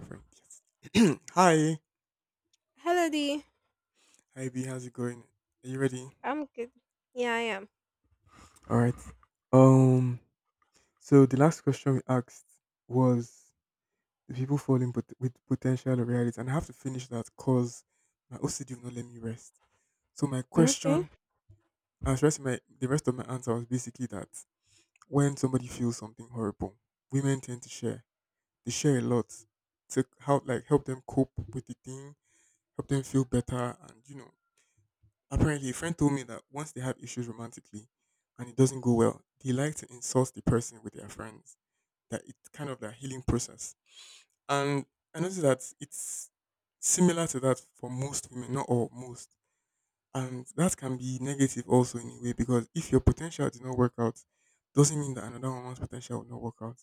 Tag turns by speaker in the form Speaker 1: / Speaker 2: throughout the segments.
Speaker 1: Perfect. Yes. Hi.
Speaker 2: Hello, D.
Speaker 1: Hi B, how's it going? Are you ready?
Speaker 2: I'm good. Yeah, I am.
Speaker 1: Alright. Um so the last question we asked was the people with potential or reality? And I have to finish that because my OCD will not let me rest. So my
Speaker 2: Okay.
Speaker 1: question and the rest of my answer was basically that when somebody feels something horrible, women tend to share. They share a lot to help like help them cope with the thing, help them feel better and you know Apparently, a friend told me that once they have issues romantically and it doesn't go well, they like to insult the person with their friends. That it's kind of their healing process. And I noticed that it's similar to that for most women, not all, most. And that can be negative also in a way because if your potential did not work out, doesn't mean that another woman's potential will not work out.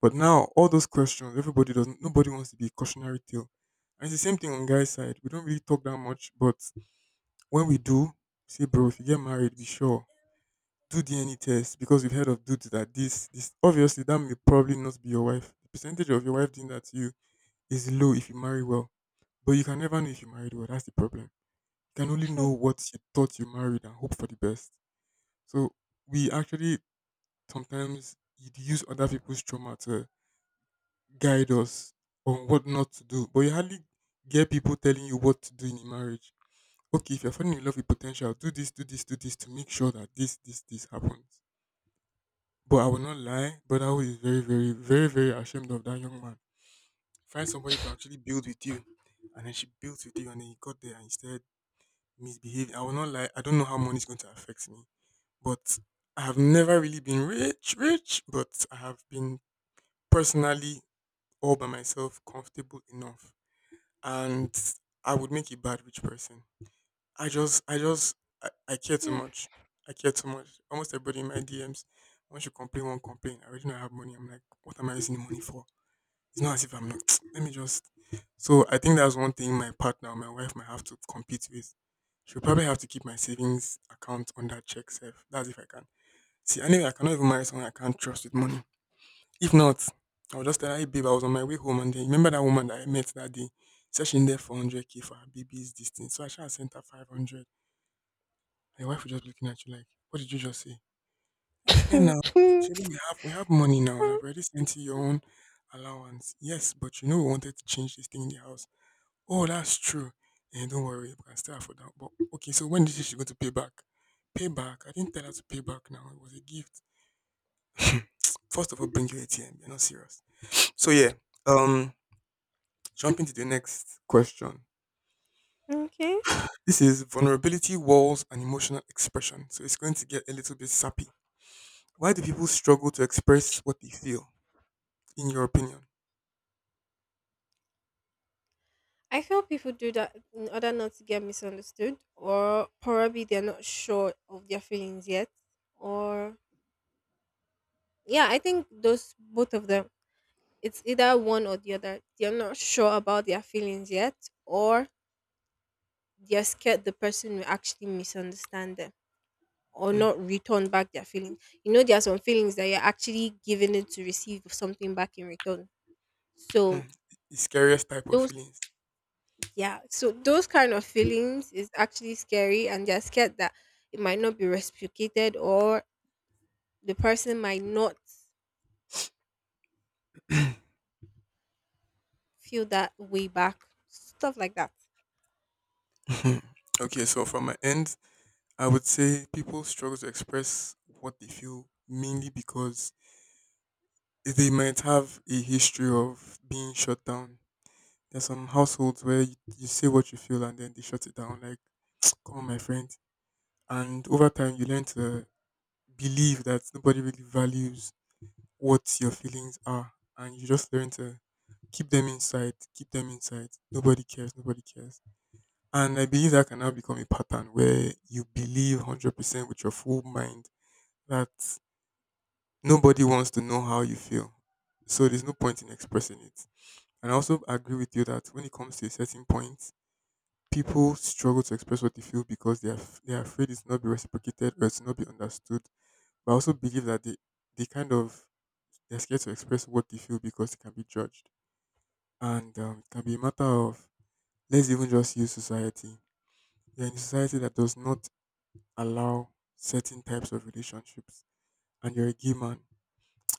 Speaker 1: But now all those questions, everybody doesn't nobody wants to be a cautionary tale. And it's the same thing on guys' side. We don't really talk that much, but when we do, say, bro, if you get married, be sure do DNA test because we've heard of dudes that this obviously that may probably not be your wife. The percentage of your wife doing that to you is low if you marry well, but you can never know if you married well. That's the problem. You can only know what you thought you married and hope for the best. So we actually sometimes use other people's trauma to guide us on what not to do, but you hardly get people telling you what to do in a marriage. Okay, if you're falling in love with potential, do this, do this, do this to make sure that this happens. But I will not lie, but I was very, very, very, very ashamed of that young man. Find somebody to actually build with you. And then she built with you and then he got there and he started misbehaving. I will not lie, I don't know how money is going to affect me. But I have never really been rich, rich, but I have been personally all by myself comfortable enough. And I would make a bad rich person. I just, I just, I care too much. I care too much. Almost everybody in my DMs, once you complain, one complain. I already know I have money. I'm like, what am I using the money for? It's not as if I'm not. Let me just. So I think that's one thing my partner, my wife, might have to compete with. She'll probably have to keep my savings account under check safe. That's if I can. See, anyway, I cannot even marry someone I can't trust with money. If not, I'll just tell her, hey, babe, I was on my way home and then remember that woman that I met that day? Said she needed 400k for her baby's distance. So I should have sent her 500. Your wife was just looking at you like, what did you just say? And I and now actually we have money now and I've already sent you your own allowance. Yes, but you know we wanted to change this thing in the house. Oh, that's true. And don't worry, we can still afford that. But okay, so when did she going to pay back? Pay back. I didn't tell her to pay back now. It was a gift. First of all, bring your ATM. You're not serious. So yeah. Um Jumping to the next question.
Speaker 2: okay.
Speaker 1: This is vulnerability, walls, and emotional expression. So it's going to get a little bit sappy. Why do people struggle to express what they feel? In your opinion?
Speaker 2: I feel people do that in order not to get misunderstood, or probably they're not sure of their feelings yet. Or, yeah, I think those both of them, it's either one or the other. They're not sure about their feelings yet, or they're scared the person will actually misunderstand them or
Speaker 1: Hmm.
Speaker 2: not return back their feelings. You know, there are some feelings that you're actually giving it to receive something back in return.
Speaker 1: Hmm.
Speaker 2: So
Speaker 1: The scariest type of
Speaker 2: Those
Speaker 1: feelings.
Speaker 2: yeah, so those kind of feelings is actually scary, and they're scared that it might not be reciprocated or the person might not feel that way back. Stuff like that.
Speaker 1: Hmm. Okay, so from my end, I would say people struggle to express what they feel mainly because they might have a history of being shut down. There's some households where you say what you feel and then they shut it down. Like, come on, my friend. And over time, you learn to believe that nobody really values what your feelings are, and you just learn to keep them inside, keep them inside. Nobody cares, nobody cares. And I believe that can now become a pattern where you believe 100% with your full mind that nobody wants to know how you feel. So there's no point in expressing it. And I also agree with you that when it comes to a certain point, people struggle to express what they feel because they are afraid it's not be reciprocated or it's not be understood. But I also believe that they kind of, they're scared to express what they feel because it can be judged. And it can be a matter of, let's even just use society. You're in a society that does not allow certain types of relationships and you're a gay man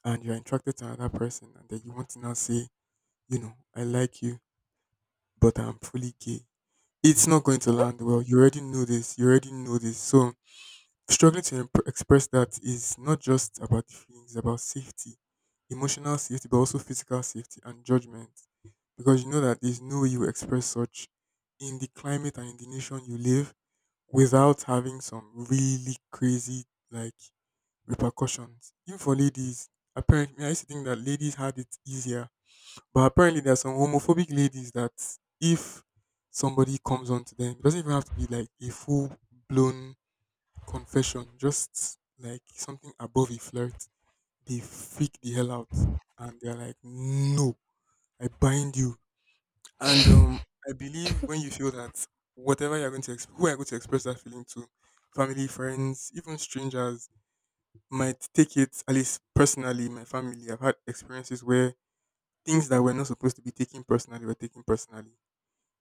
Speaker 1: and you're attracted to another person and then you want to now say, you know, I like you, but I'm fully gay. It's not going to land well. You already know this. You already know this. So express that is not just about the feelings, it's about safety, emotional safety, but also physical safety and judgment. Because you know that there's no way you express such in the climate and in the nation you live without having some really crazy like repercussions. Even for ladies, apparently, I used to think that ladies had it easier, but apparently there are some homophobic ladies that if somebody comes on to them, it doesn't even have to be like a full blown confession, just like something above a flirt. They freak the hell out and they're like, "No, I bind you." And I believe when you feel that whatever you're going to exp- who are you going to express that feeling to, family, friends, even strangers, might take it at least personally in my family. I've had experiences where things that were not supposed to be taken personally were taken personally.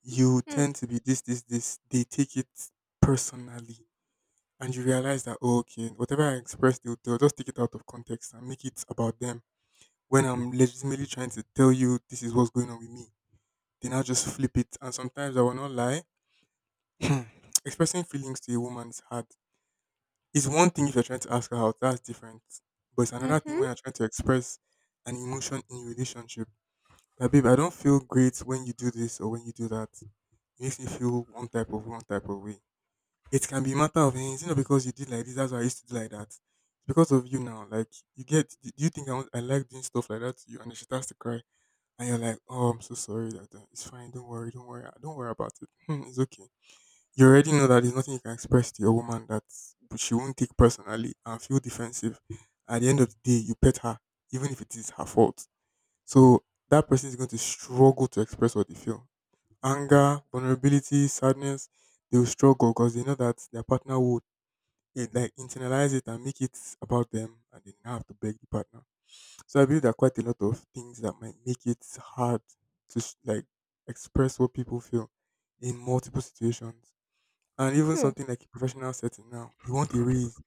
Speaker 1: You
Speaker 2: Mm.
Speaker 1: tend to be this, this, this. They take it personally, and you realize that oh, okay, whatever I express, they'll just take it out of context and make it about them. When I'm legitimately trying to tell you this is what's going on with me, they now just flip it. And sometimes I will not lie. Expressing feelings to a woman is hard. It's one thing if you're trying to ask her out, that's different. But it's another thing when
Speaker 2: Mm-hmm.
Speaker 1: you're trying to express an emotion in your relationship. That babe, I don't feel great when you do this or when you do that. It makes me feel one type of way. It can be a matter of eh, it's not because you did like this, that's why I used to do like that. It's because of you now. Like you get do you think I, want, I like doing stuff like that to you and then she starts to cry and you're like, oh, I'm so sorry that it's fine, don't worry, don't worry, don't worry about it. It's okay, you already know that there's nothing you can express to your woman that she won't take personally and feel defensive. At the end of the day, you pet her, even if it is her fault. So that person is going to struggle to express what they feel. Anger, vulnerability, sadness, they will struggle because they know that their partner would eh, like internalize it and make it about them and they now have to beg the partner. So I believe there are quite a lot of things that might make it hard to express what people feel in multiple situations. And even
Speaker 2: Mm.
Speaker 1: something like a professional setting now, you want a raise.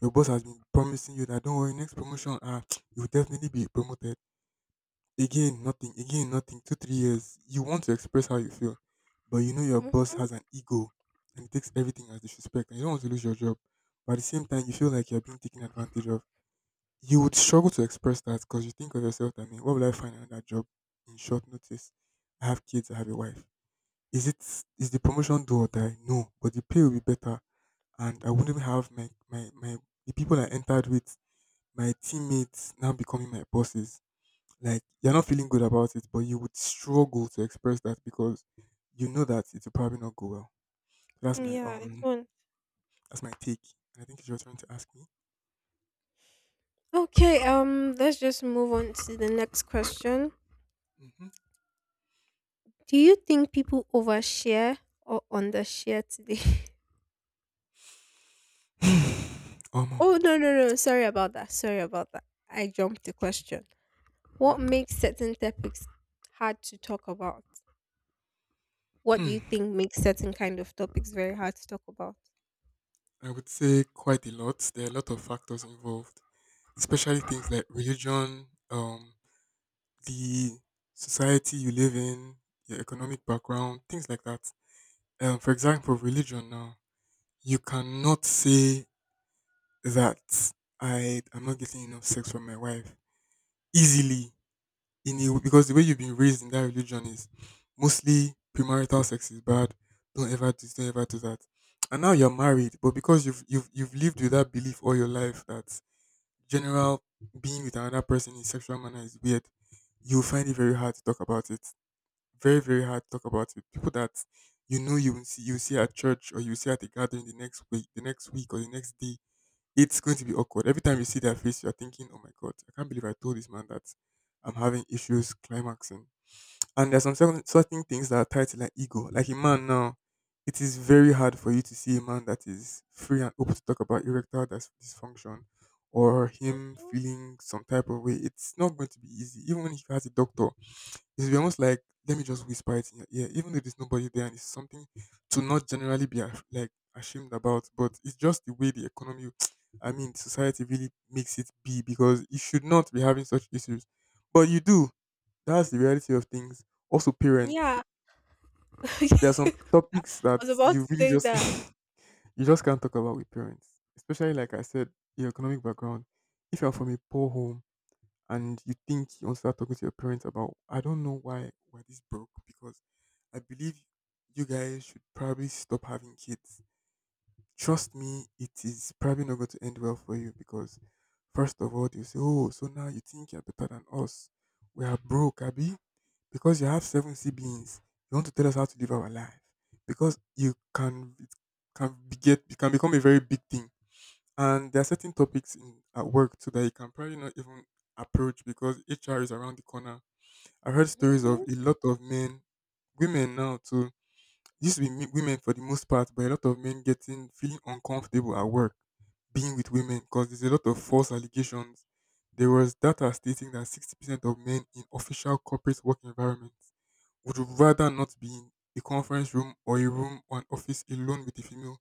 Speaker 1: Your boss has been promising you that don't worry, next promotion, ah, you will definitely be promoted. Again, nothing. Again, nothing. Two, 3 years. You want to express how you feel, but you know your boss
Speaker 2: Mm-hmm.
Speaker 1: has an ego, and it takes everything as disrespect, and you don't want to lose your job. But at the same time, you feel like you're being taken advantage of. You would struggle to express that because you think of yourself. I mean, what will I find another job in short notice? I have kids. I have a wife. Is it is the promotion do or die? No, but the pay will be better and I wouldn't even have my, my, my the people I entered with, my teammates now becoming my bosses. Like you're not feeling good about it, but you would struggle to express that because you know that it will probably not go well. That's my
Speaker 2: Yeah, it's
Speaker 1: um
Speaker 2: one.
Speaker 1: that's my take. And I think it's your turn to ask me.
Speaker 2: Okay, let's just move on to the next question. Do you think people overshare or undershare today?
Speaker 1: Mm-hmm. Omo.
Speaker 2: Oh, no, no, no. Sorry about that. Sorry about that. I jumped the question. What
Speaker 1: Mhm.
Speaker 2: makes certain topics hard to talk about? What do you
Speaker 1: Hmm.
Speaker 2: think makes certain kind of topics very hard to talk about?
Speaker 1: I would say quite a lot. There are a lot of factors involved, especially things like religion, the society you live in, your economic background, things like that. For example, religion now, you cannot say that I am not getting enough sex from my wife easily in a, because the way you've been raised in that religion is mostly premarital sex is bad. Don't ever do that. And now you're married, but because you've lived with that belief all your life that general being with another person in sexual manner is weird, you'll find it very hard to talk about it very very hard to talk about it. People that you know you will see you see at church or you see at a gathering the next week or the next day. It's going to be awkward. Every time you see their face, you're thinking, "Oh my god, I can't believe I told this man that I'm having issues climaxing." And there's some certain things that are tied to like ego. Like a man now, it is very hard for you to see a man that is free and open to talk about dysfunction or him
Speaker 2: Mhm.
Speaker 1: feeling some type of way. It's not going to be easy, even when he has a doctor, it's be almost like let me just whisper it in your ear, even though there's nobody there, and it's something to not generally be like ashamed about. But it's just the way the economy, I mean, society really makes it be because you should not be having such issues, but you do. That's the reality of things. Also, parents.
Speaker 2: Yeah.
Speaker 1: There are some
Speaker 2: I
Speaker 1: topics that
Speaker 2: was about
Speaker 1: you
Speaker 2: to
Speaker 1: really
Speaker 2: say
Speaker 1: just
Speaker 2: that.
Speaker 1: you just can't talk about with parents, especially like I said, your economic background. If you're from a poor home and you think you want to start talking to your parents about I don't know why this broke because I believe you guys should probably stop having kids. Trust me, it is probably not going to end well for you because first of all you say, oh, so now you think you're better than us. We are broke, Abby. Because you have seven siblings, you want to tell us how to live our life. Because you can it can become a very big thing, and there are certain topics in at work too that you can probably not even approach because HR is around the corner. I heard stories of
Speaker 2: Hmm.
Speaker 1: a lot of men, women now too. It used to be women for the most part, but a lot of men getting feeling uncomfortable at work being with women because there's a lot of false allegations. There was data stating that 60% of men in official corporate work environments would rather not be in a conference room or a room or an office alone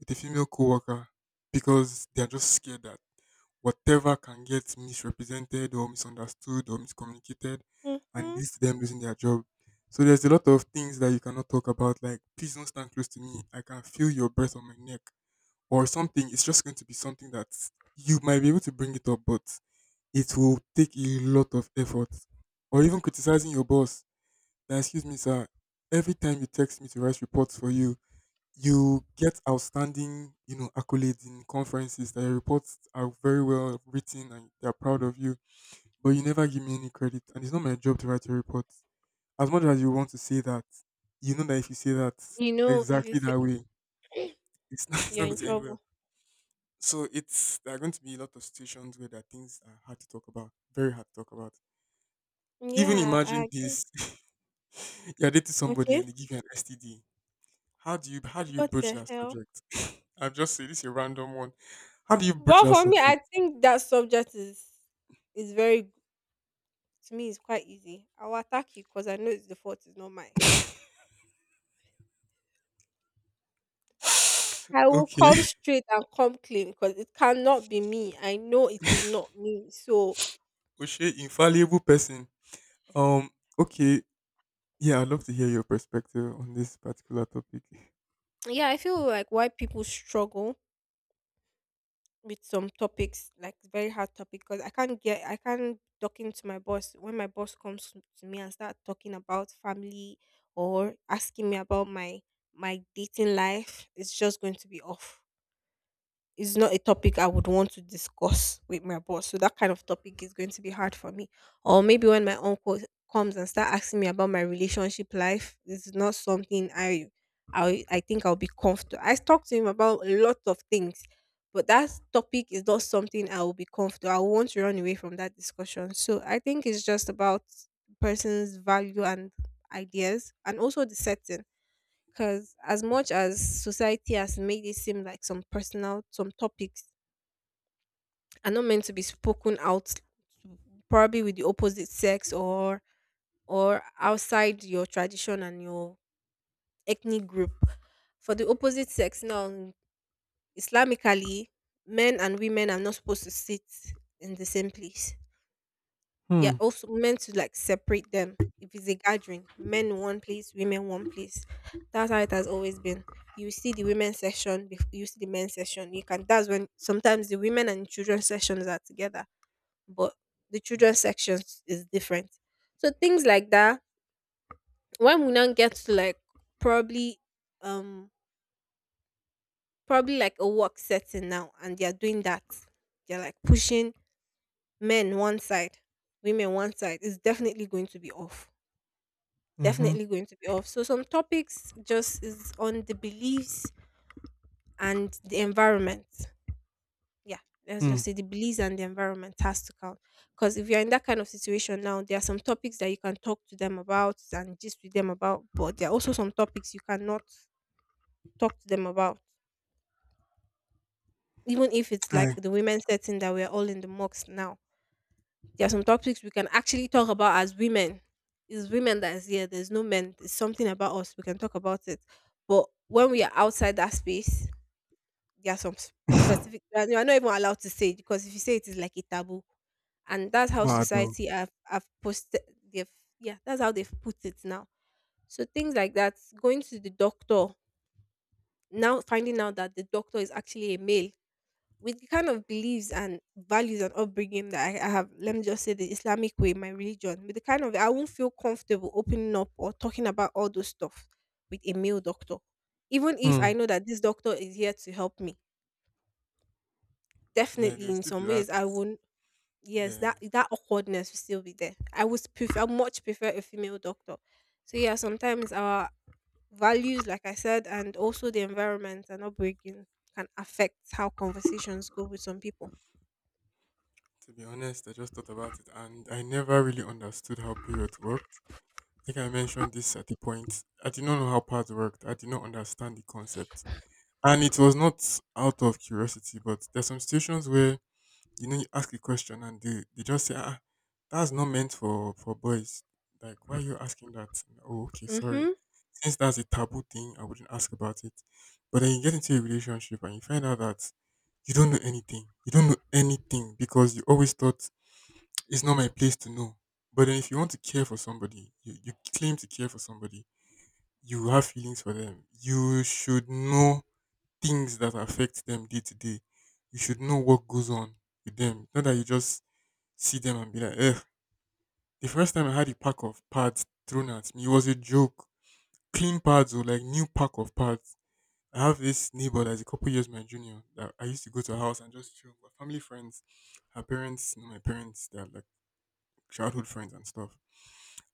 Speaker 1: with a female coworker because they're just scared that whatever can get misrepresented or misunderstood or miscommunicated and
Speaker 2: Hmm.
Speaker 1: leads to them losing their job. So there's a lot of things that you cannot talk about, like please don't stand close to me. I can feel your breath on my neck or something. It's just going to be something that you might be able to bring it up, but it will take a lot of effort. Or even criticizing your boss. That excuse me, sir. Every time you text me to write reports for you, you get outstanding, you know, accolades in conferences that your reports are very well written and they're proud of you, but you never give me any credit. And it's not my job to write your reports. As much as you want to say that, you know that if you say that
Speaker 2: You know, if you
Speaker 1: exactly
Speaker 2: say
Speaker 1: that way, it's not, it's not
Speaker 2: you're in
Speaker 1: going to end well.
Speaker 2: trouble.
Speaker 1: So it's there are going to be a lot of situations where there are things that are hard to talk about, very hard to talk about. Even
Speaker 2: Yeah, I
Speaker 1: imagine
Speaker 2: agree.
Speaker 1: this: you're dating somebody
Speaker 2: Okay.
Speaker 1: and they give you an STD. How do you
Speaker 2: What
Speaker 1: broach
Speaker 2: the
Speaker 1: that
Speaker 2: hell?
Speaker 1: subject? I've just said this is a random one. How do you broach
Speaker 2: But
Speaker 1: that
Speaker 2: for me,
Speaker 1: subject?
Speaker 2: I think that subject is very to me it's quite easy. I'll attack you because I know it's the fault is not mine. I will
Speaker 1: Okay.
Speaker 2: come straight and come clean because it cannot be me. I know it is not me. So
Speaker 1: Oshay, infallible person. Um, okay. Yeah, I'd love to hear your perspective on this particular topic.
Speaker 2: yeah, I feel like why people struggle with some topics, like very hard topic, because I can't talking to my boss when my boss comes to me and start talking about family or asking me about my dating life, it's just going to be off. It's not a topic I would want to discuss with my boss. So that kind of topic is going to be hard for me. Or maybe when my uncle comes and start asking me about my relationship life, this is not something I think I'll be comfortable. I talk to him about a lot of things, but that topic is not something I will be comfortable. I want to run away from that discussion. So I think it's just about person's value and ideas and also the setting because as much as society has made it seem like some topics are not meant to be spoken out, probably with the opposite sex or outside your tradition and your ethnic group. For the opposite sex now, Islamically, men and women are not supposed to sit in the same place. They're
Speaker 1: Hmm.
Speaker 2: also meant to like separate them. If it's a gathering, men in one place, women one place. That's how it has always been. You see the women's section, you see the men's section. You can. That's when sometimes the women and children sections are together, but the children's section is different. So things like that. When we now get to like probably, um, probably like a work setting now, and they are doing that. They're like pushing men one side, women one side. It's definitely going to be off,
Speaker 1: Mm-hmm.
Speaker 2: definitely going to be off. So some topics just is on the beliefs and the environment. Yeah, let's
Speaker 1: Hmm.
Speaker 2: just say the beliefs and the environment has to count. Because if you're in that kind of situation now, there are some topics that you can talk to them about and just with them about, but there are also some topics you cannot talk to them about. Even if it's like
Speaker 1: Aye.
Speaker 2: the women setting that we're all in the mocks now, there are some topics we can actually talk about as women. It's women that is here. There's no men. It's something about us. We can talk about it. But when we are outside that space, there are some specific. You are not even allowed to say it because if you say it, it's like a taboo, and that's how
Speaker 1: Wow, though.
Speaker 2: society have posted. They've Yeah, that's how they've put it now. So things like that, going to the doctor now, finding out that the doctor is actually a male with the kind of beliefs and values and upbringing that I have, let me just say the Islamic way, my religion, with the kind of, I won't feel comfortable opening up or talking about all those stuff with a male doctor. Even if
Speaker 1: Hmm.
Speaker 2: I know that this doctor is here to help me,
Speaker 1: Yeah, there
Speaker 2: definitely
Speaker 1: will
Speaker 2: in
Speaker 1: still be
Speaker 2: some
Speaker 1: that.
Speaker 2: ways I won't. Yes,
Speaker 1: Yeah.
Speaker 2: that awkwardness will still be there. I would prefer, much prefer a female doctor. So yeah, sometimes our values, like I said, and also the environment and upbringing can affect how conversations go with some people.
Speaker 1: To be honest, I just thought about it and I never really understood how periods worked. I think I mentioned this at the point. I did not know how parts worked. I did not understand the concept. And it was not out of curiosity, but there's some situations where you know you ask a question and they just say, ah, that's not meant for boys. Like, why are you asking that? Oh, okay, sorry.
Speaker 2: Mm-hmm.
Speaker 1: Since that's a taboo thing, I wouldn't ask about it. But then you get into a relationship and you find out that you don't know anything. You don't know anything because you always thought it's not my place to know. But then if you want to care for somebody, you claim to care for somebody, you have feelings for them. You should know things that affect them day to day. You should know what goes on with them. Not that you just see them and be like, eh. The first time I had a pack of pads thrown at me, it was a joke. Clean pads or like new pack of pads. I have this neighbor that's a couple years my junior that I used to go to her house and just chill. My family friends, her parents, know my parents, they're like childhood friends and stuff.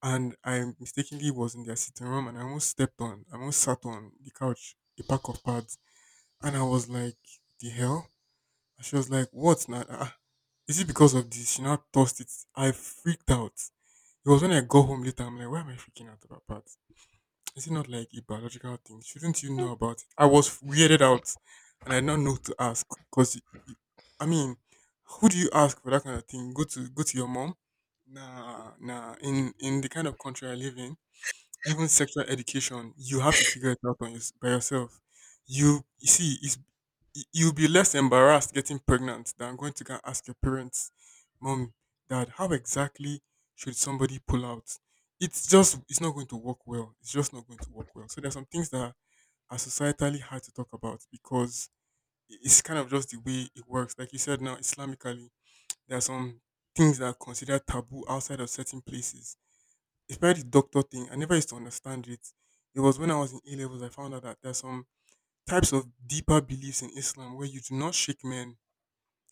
Speaker 1: And I mistakenly was in their sitting room and I almost sat on the couch, a pack of pads. And I was like, the hell? And she was like, what now? Ah, ah. Is it because of this? She now tossed it. I freaked out. It was when I got home later. I'm like, why am I freaking out about that? Is it not like a biological thing? Shouldn't you know about it? I was weirded out and I did not know to ask because, I mean, who do you ask for that kind of thing? Go to your mom? Nah, nah. In the kind of country I live in, even sexual education, you have to figure it out on your, by yourself. You see, it's, you'll be less embarrassed getting pregnant than going to go and ask your parents, mom, dad, how exactly should somebody pull out? It's just, it's not going to work well. It's just not going to work well. So there's some things that are societally hard to talk about because it's kind of just the way it works. Like you said now, Islamically, there are some things that are considered taboo outside of certain places. It's probably the doctor thing. I never used to understand it. It was when I was in A levels I found out that there's some types of deeper beliefs in Islam where you do not shake men.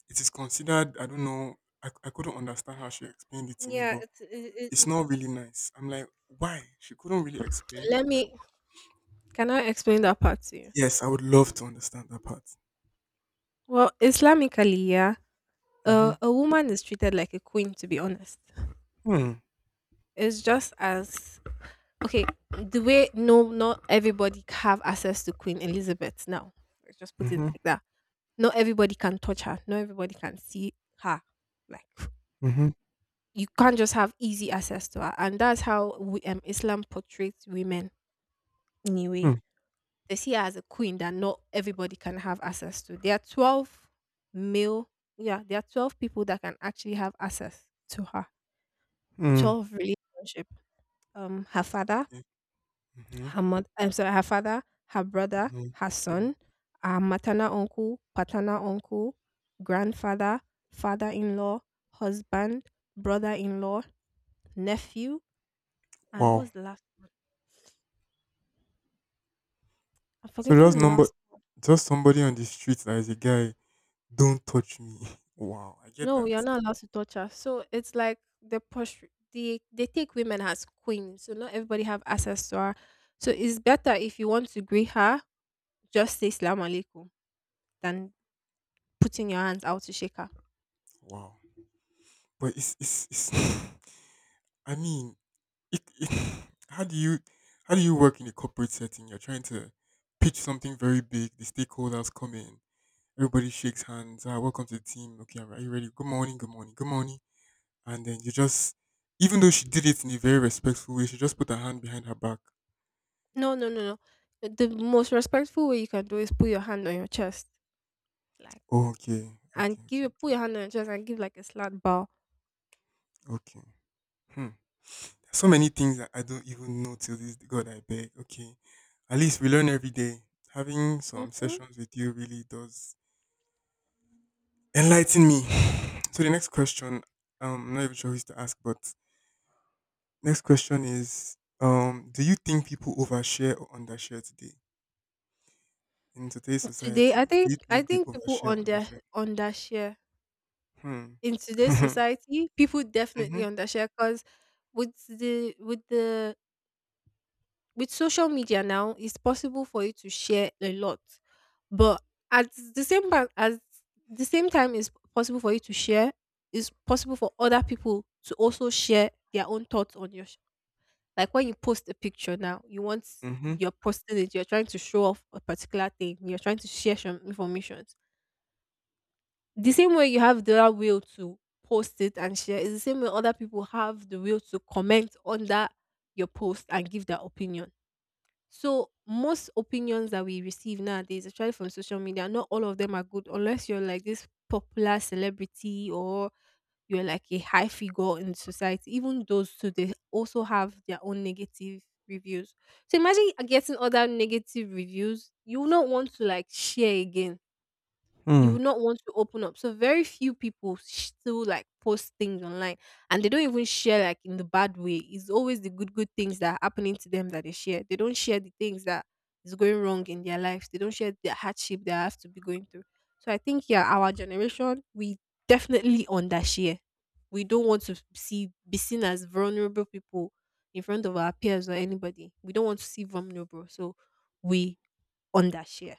Speaker 1: It is considered, I don't know, I couldn't understand how she explained it to me,
Speaker 2: Yeah,
Speaker 1: but
Speaker 2: it's it,
Speaker 1: it's
Speaker 2: it,
Speaker 1: not really nice. I'm like, why? She couldn't really explain. I
Speaker 2: let
Speaker 1: was like,
Speaker 2: me, can I explain that part to you?
Speaker 1: yes, I would love to understand that part.
Speaker 2: Well, Islamically, yeah,
Speaker 1: Mm-hmm.
Speaker 2: a woman is treated like a queen. To be honest,
Speaker 1: Hmm.
Speaker 2: it's just as okay the way no not everybody have access to Queen Elizabeth now. Let's just put it
Speaker 1: Mm-hmm.
Speaker 2: like that. Not everybody can touch her. Not everybody can see her. Like
Speaker 1: Mm-hmm.
Speaker 2: you can't just have easy access to her, and that's how we, Islam portrays women anyway,
Speaker 1: Hmm.
Speaker 2: they see her as a queen that not everybody can have access to. There are 12 male, yeah, there are 12 people that can actually have access to her.
Speaker 1: Hmm.
Speaker 2: 12 relationship. Her father,
Speaker 1: Yeah. Mm-hmm.
Speaker 2: her mother, I'm sorry, her father, her brother,
Speaker 1: Mm-hmm.
Speaker 2: her son, her maternal uncle, paternal uncle, grandfather, father-in-law, husband, brother-in-law, nephew, and
Speaker 1: Wow.
Speaker 2: what's the last one? I'm
Speaker 1: So
Speaker 2: forgetting
Speaker 1: just
Speaker 2: the
Speaker 1: number,
Speaker 2: last.
Speaker 1: just somebody on the street that is a guy. Don't touch me. Wow, I get
Speaker 2: No,
Speaker 1: that.
Speaker 2: you're not allowed to touch her. So it's like the push, they take women as queens, so not everybody have access to her. So it's better if you want to greet her, just say "salam alaikum" than putting your hands out to shake her.
Speaker 1: Wow, but it's I mean, how do you work in a corporate setting? You're trying to pitch something very big. The stakeholders come in. Everybody shakes hands. Ah, welcome to the team. Okay, are you ready? Good morning. Good morning. Good morning. And then you just, even though she did it in a very respectful way, she just put her hand behind her back.
Speaker 2: No, no, no, no. The most respectful way you can do is put your hand on your chest, like,
Speaker 1: Oh, okay.
Speaker 2: and
Speaker 1: Okay.
Speaker 2: give put
Speaker 1: Okay.
Speaker 2: your hand on your chest and give like a slight bow.
Speaker 1: Okay. Okay. Hmm. So many things that I don't even know till this day. God I beg. Okay. At least we learn every day. Having some
Speaker 2: Hmm.
Speaker 1: sessions with you really does enlighten me. So the next question, I'm not even sure who's to ask, but next question is do you think people overshare or undershare today? In today's
Speaker 2: Today,
Speaker 1: society,
Speaker 2: I
Speaker 1: do
Speaker 2: think
Speaker 1: you
Speaker 2: I
Speaker 1: think they
Speaker 2: think people
Speaker 1: overshare or
Speaker 2: under
Speaker 1: undershare?
Speaker 2: undershare
Speaker 1: Hmm.
Speaker 2: in today's society. People definitely
Speaker 1: Mm-hmm.
Speaker 2: undershare because with the with the with social media now, it's possible for you to share a lot, but at the same time, as the same time, it's possible for you to share. It's possible for other people to also share their own thoughts on your. Like when you post a picture now,
Speaker 1: Mm-hmm.
Speaker 2: you're posting it. You're trying to show off a particular thing. You're trying to share some information. The same way you have the will to post it and share is the same way other people have the will to comment on that your post and give their opinion. So most opinions that we receive nowadays, especially from social media, not all of them are good unless you're like this popular celebrity or you're like a high figure in society. Even those too, they also have their own negative reviews. So imagine getting other negative reviews. You will not want to like share again, you
Speaker 1: Hmm.
Speaker 2: would not want to open up. So very few people still like post things online and they don't even share like in the bad way. It's always the good things that are happening to them that they share. They don't share the things that is going wrong in their lives. They don't share the hardship they have to be going through. So I think yeah, our generation we definitely undershare. We don't want to see be seen as vulnerable people in front of our peers or anybody. We don't want to see vulnerable. So we undershare.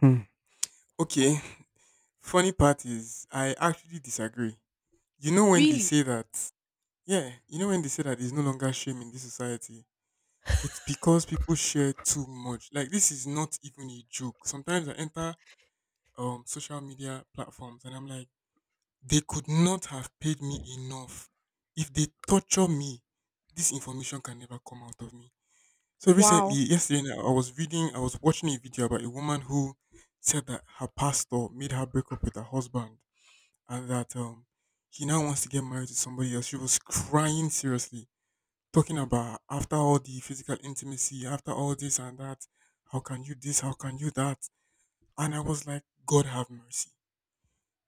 Speaker 1: Hmm. Okay. Funny part is I actually disagree. You know when they
Speaker 2: Really?
Speaker 1: say that Yeah, you know when they say that there's no longer shame in this society, it's because people share too much. Like this is not even a joke. Sometimes I enter social media platforms and I'm like, they could not have paid me enough. If they torture me, this information can never come out of me. So recently,
Speaker 2: Wow.
Speaker 1: yesterday, night, I was reading, I was watching a video about a woman who said that her pastor made her break up with her husband and that he now wants to get married to somebody else. She was crying seriously talking about after all the physical intimacy, after all this and that, how can you this, how can you that? And I was like, God have mercy.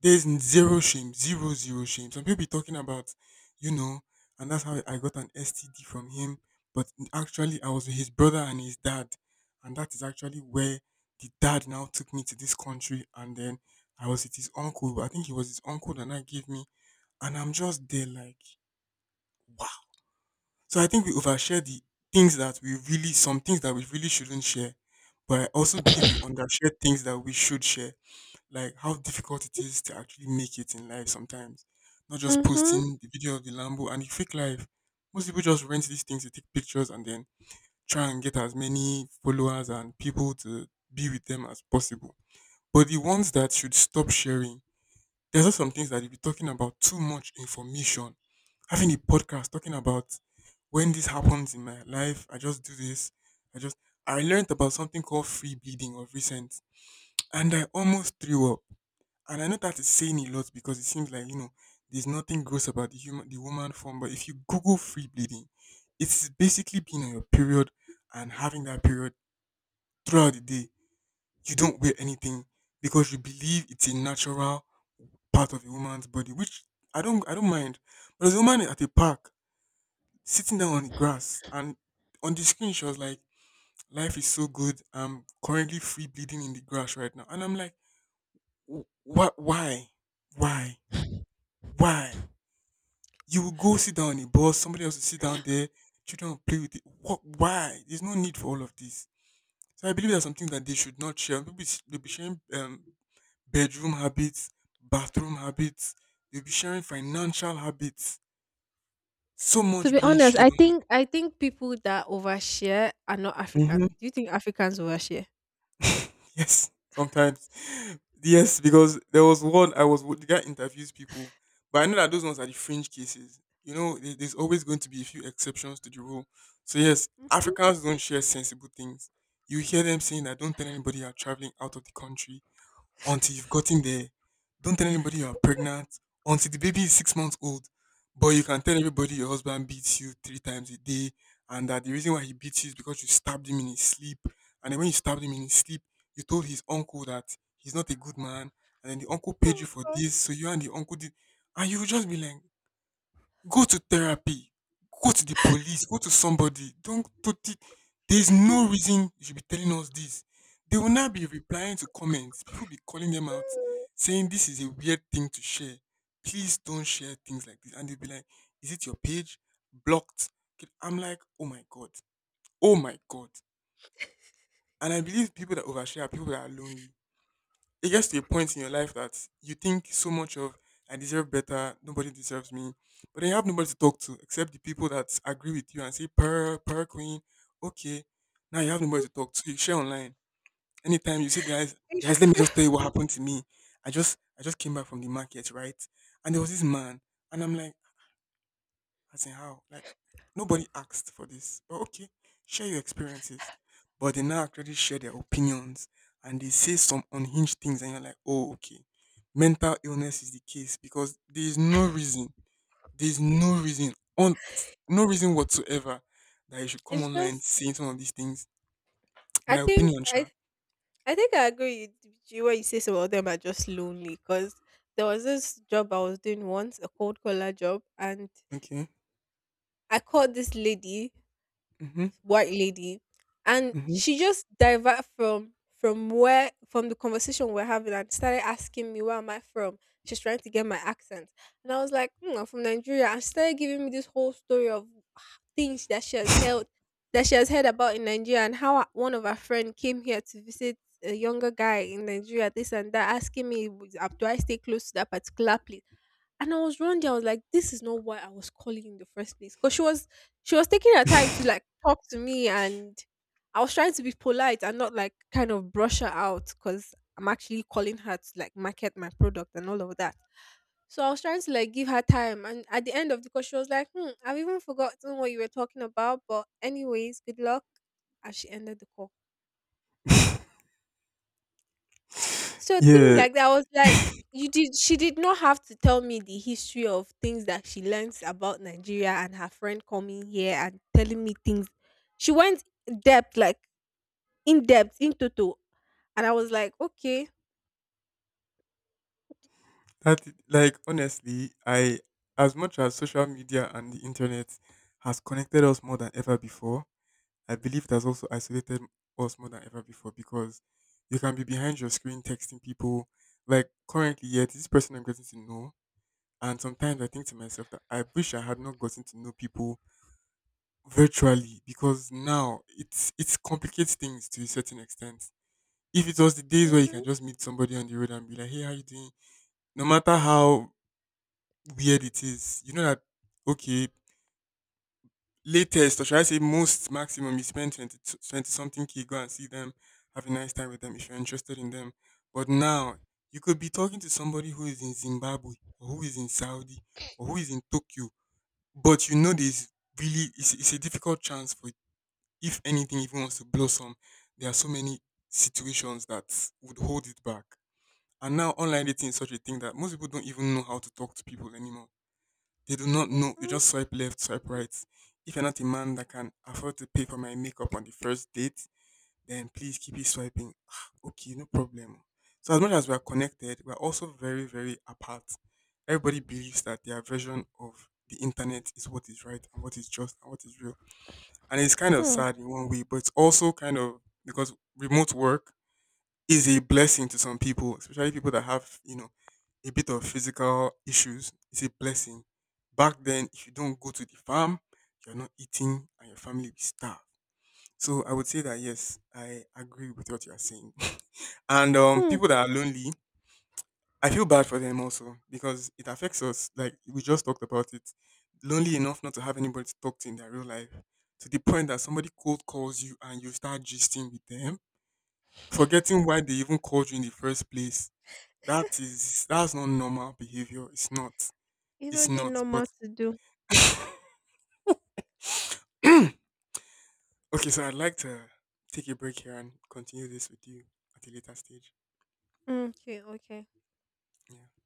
Speaker 1: There's zero shame, zero, zero shame. Some people be talking about, you know, and that's how I got an STD from him. But actually, I was with his brother and his dad. And that is actually where the dad now took me to this country. And then I was with his uncle. I think it was his uncle that now gave me. And I'm just there like, so I think we overshare the things that we really, some things that we really shouldn't share. But I also believe we undershare things that we should share, like how difficult it is to actually make it in life sometimes. Not just
Speaker 2: Mhm.
Speaker 1: posting the video of the Lambo and the fake life. Most people just rent these things, they take pictures and then try and get as many followers and people to be with them as possible. But the ones that should stop sharing, there's also some things that if you're talking about too much information, having a podcast talking about when this happens in my life, I just do this. I just I learned about something called free bleeding of recent, and I almost threw up. And I know that is saying a lot because it seems like you know there's nothing gross about the woman form, but if you Google free bleeding, it's basically being on your period and having that period throughout the day. You don't wear anything because you believe it's a natural part of a woman's body, which I don't mind. But there's a woman at a park sitting down on the grass and on the screen she was like, life is so good. I'm currently free bleeding in the grass right now. And I'm like, what, why? Why? Why? You will go sit down on a bus, somebody else will sit down there, children will play with it. What, why? There's no need for all of this. So I believe there are some things that they should not share. They'll be sharing bedroom habits, bathroom habits, they'll be sharing financial habits, so
Speaker 2: To
Speaker 1: much
Speaker 2: be
Speaker 1: being
Speaker 2: honest,
Speaker 1: shared
Speaker 2: I think
Speaker 1: online.
Speaker 2: I think people that overshare are not African.
Speaker 1: Mm-hmm.
Speaker 2: Do you think Africans overshare?
Speaker 1: Yes, sometimes. Yes, because there was one I was, the guy interviews people, but I know that those ones are the fringe cases. You know, there's always going to be a few exceptions to the rule. So yes,
Speaker 2: Mm.
Speaker 1: Africans don't share sensible things. You hear them saying that don't tell anybody you're traveling out of the country until you've gotten there. Don't tell anybody you are pregnant until the baby is 6 months old. But you can tell everybody your husband beats you three times a day and that the reason why he beats you is because you stabbed him in his sleep. And then when you stabbed him in his sleep, you told his uncle that he's not a good man. And then the uncle paid
Speaker 2: Oh
Speaker 1: you for
Speaker 2: God.
Speaker 1: this. So you and the uncle did. And you would just be like, go to therapy, go to the police, go to somebody. Don't put it. There's no reason you should be telling us this. They will not be replying to comments. People be calling them out,
Speaker 2: Mm.
Speaker 1: saying this is a weird thing to share. Please don't share things like this. And they'll be like, is it your page? Blocked. I'm like, oh my God. Oh my God. And I believe people that overshare are people that are lonely. It gets to a point in your life that you think so much of, I deserve better, nobody deserves me. But then you have nobody to talk to except the people that agree with you and say, per queen, okay. Now you have nobody to talk to. You share online. Anytime you say, guys, guys, let me just tell you what happened to me. I just came back from the market, right? And there was this man. And I'm like, as in how? Like nobody asked for this. But okay, share your experiences. But they now actually share their opinions and they say some unhinged things and you're like, oh, okay. Mental illness is the case because there is no reason, there is no reason on, no reason whatsoever that you should come
Speaker 2: It's
Speaker 1: online
Speaker 2: just
Speaker 1: saying some of these things.
Speaker 2: I
Speaker 1: My
Speaker 2: think
Speaker 1: opinion,
Speaker 2: I
Speaker 1: sure.
Speaker 2: I think I agree with you when you say some of them are just lonely because there was this job I was doing once, a cold collar job, and
Speaker 1: Okay.
Speaker 2: I called this lady,
Speaker 1: Mm-hmm.
Speaker 2: white lady, and
Speaker 1: Mm-hmm.
Speaker 2: she just divert from the conversation we're having and started asking me where am I from. She's trying to get my accent, and I was like, "Hmm, I'm from Nigeria," and she started giving me this whole story of things that she has held, that she has heard about in Nigeria and how one of her friend came here to visit a younger guy in Nigeria, this and that, asking me, do I stay close to that particular place?" And I was wrong. There, I was like, "This is not why I was calling in the first place." Because she was taking her time to like talk to me and I was trying to be polite and not like kind of brush her out because I'm actually calling her to like market my product and all of that. So I was trying to like give her time and at the end of the call she was like, hmm, I've even forgotten what you were talking about, but anyways, good luck. And she ended the call. So things
Speaker 1: Yeah.
Speaker 2: like that, I was like, you did. She did not have to tell me the history of things that she learns about Nigeria and her friend coming here and telling me things. She went depth, like in depth, in total, and I was like, okay,
Speaker 1: That like honestly, I as much as social media and the internet has connected us more than ever before, I believe it has also isolated us more than ever before because you can be behind your screen texting people like currently, yet this person I'm getting to know, and sometimes I think to myself that I wish I had not gotten to know people virtually because now it's complicates things to a certain extent. If it was the days where you can
Speaker 2: mm-hmm,
Speaker 1: just meet somebody on the road and be like, hey, how you doing? No matter how weird it is. You know that, okay, latest or should I say most maximum you spend 20 20 something k, go and see them, have a nice time with them if you're interested in them. But now you could be talking to somebody who is in Zimbabwe or who is in Saudi or who is in Tokyo, but you know there's really, it's a difficult chance for if anything even wants to blossom. There are so many situations that would hold it back. And now online dating is such a thing that most people don't even know how to talk to people anymore. They do not know. You
Speaker 2: mm-hmm,
Speaker 1: just swipe left, swipe right. If you're not a man that can afford to pay for my makeup on the first date, then please keep it swiping. Ah, okay, no problem. So as much as we are connected, we are also very, very apart. Everybody believes that their version of the internet is what is right and what is just and what is real. And it's kind of
Speaker 2: hmm,
Speaker 1: sad in one way, but it's also kind of, because remote work is a blessing to some people, especially people that have, you know, a bit of physical issues. It's a blessing. Back then, if you don't go to the farm, you're not eating and your family will starve. So I would say that yes, I agree with what you are saying. And
Speaker 2: hmm.
Speaker 1: people that are lonely, I feel bad for them also because it affects us. Like we just talked about it, lonely enough not to have anybody to talk to in their real life, to the point that somebody cold calls you and you start gisting with them, forgetting why they even called you in the first place, that's not normal behavior. It's not.
Speaker 2: You
Speaker 1: It's
Speaker 2: know the
Speaker 1: not. But
Speaker 2: normal to do.
Speaker 1: okay, so I'd like to take a break here and continue this with you at a later stage.
Speaker 2: Mm. Okay, okay.
Speaker 1: Yeah.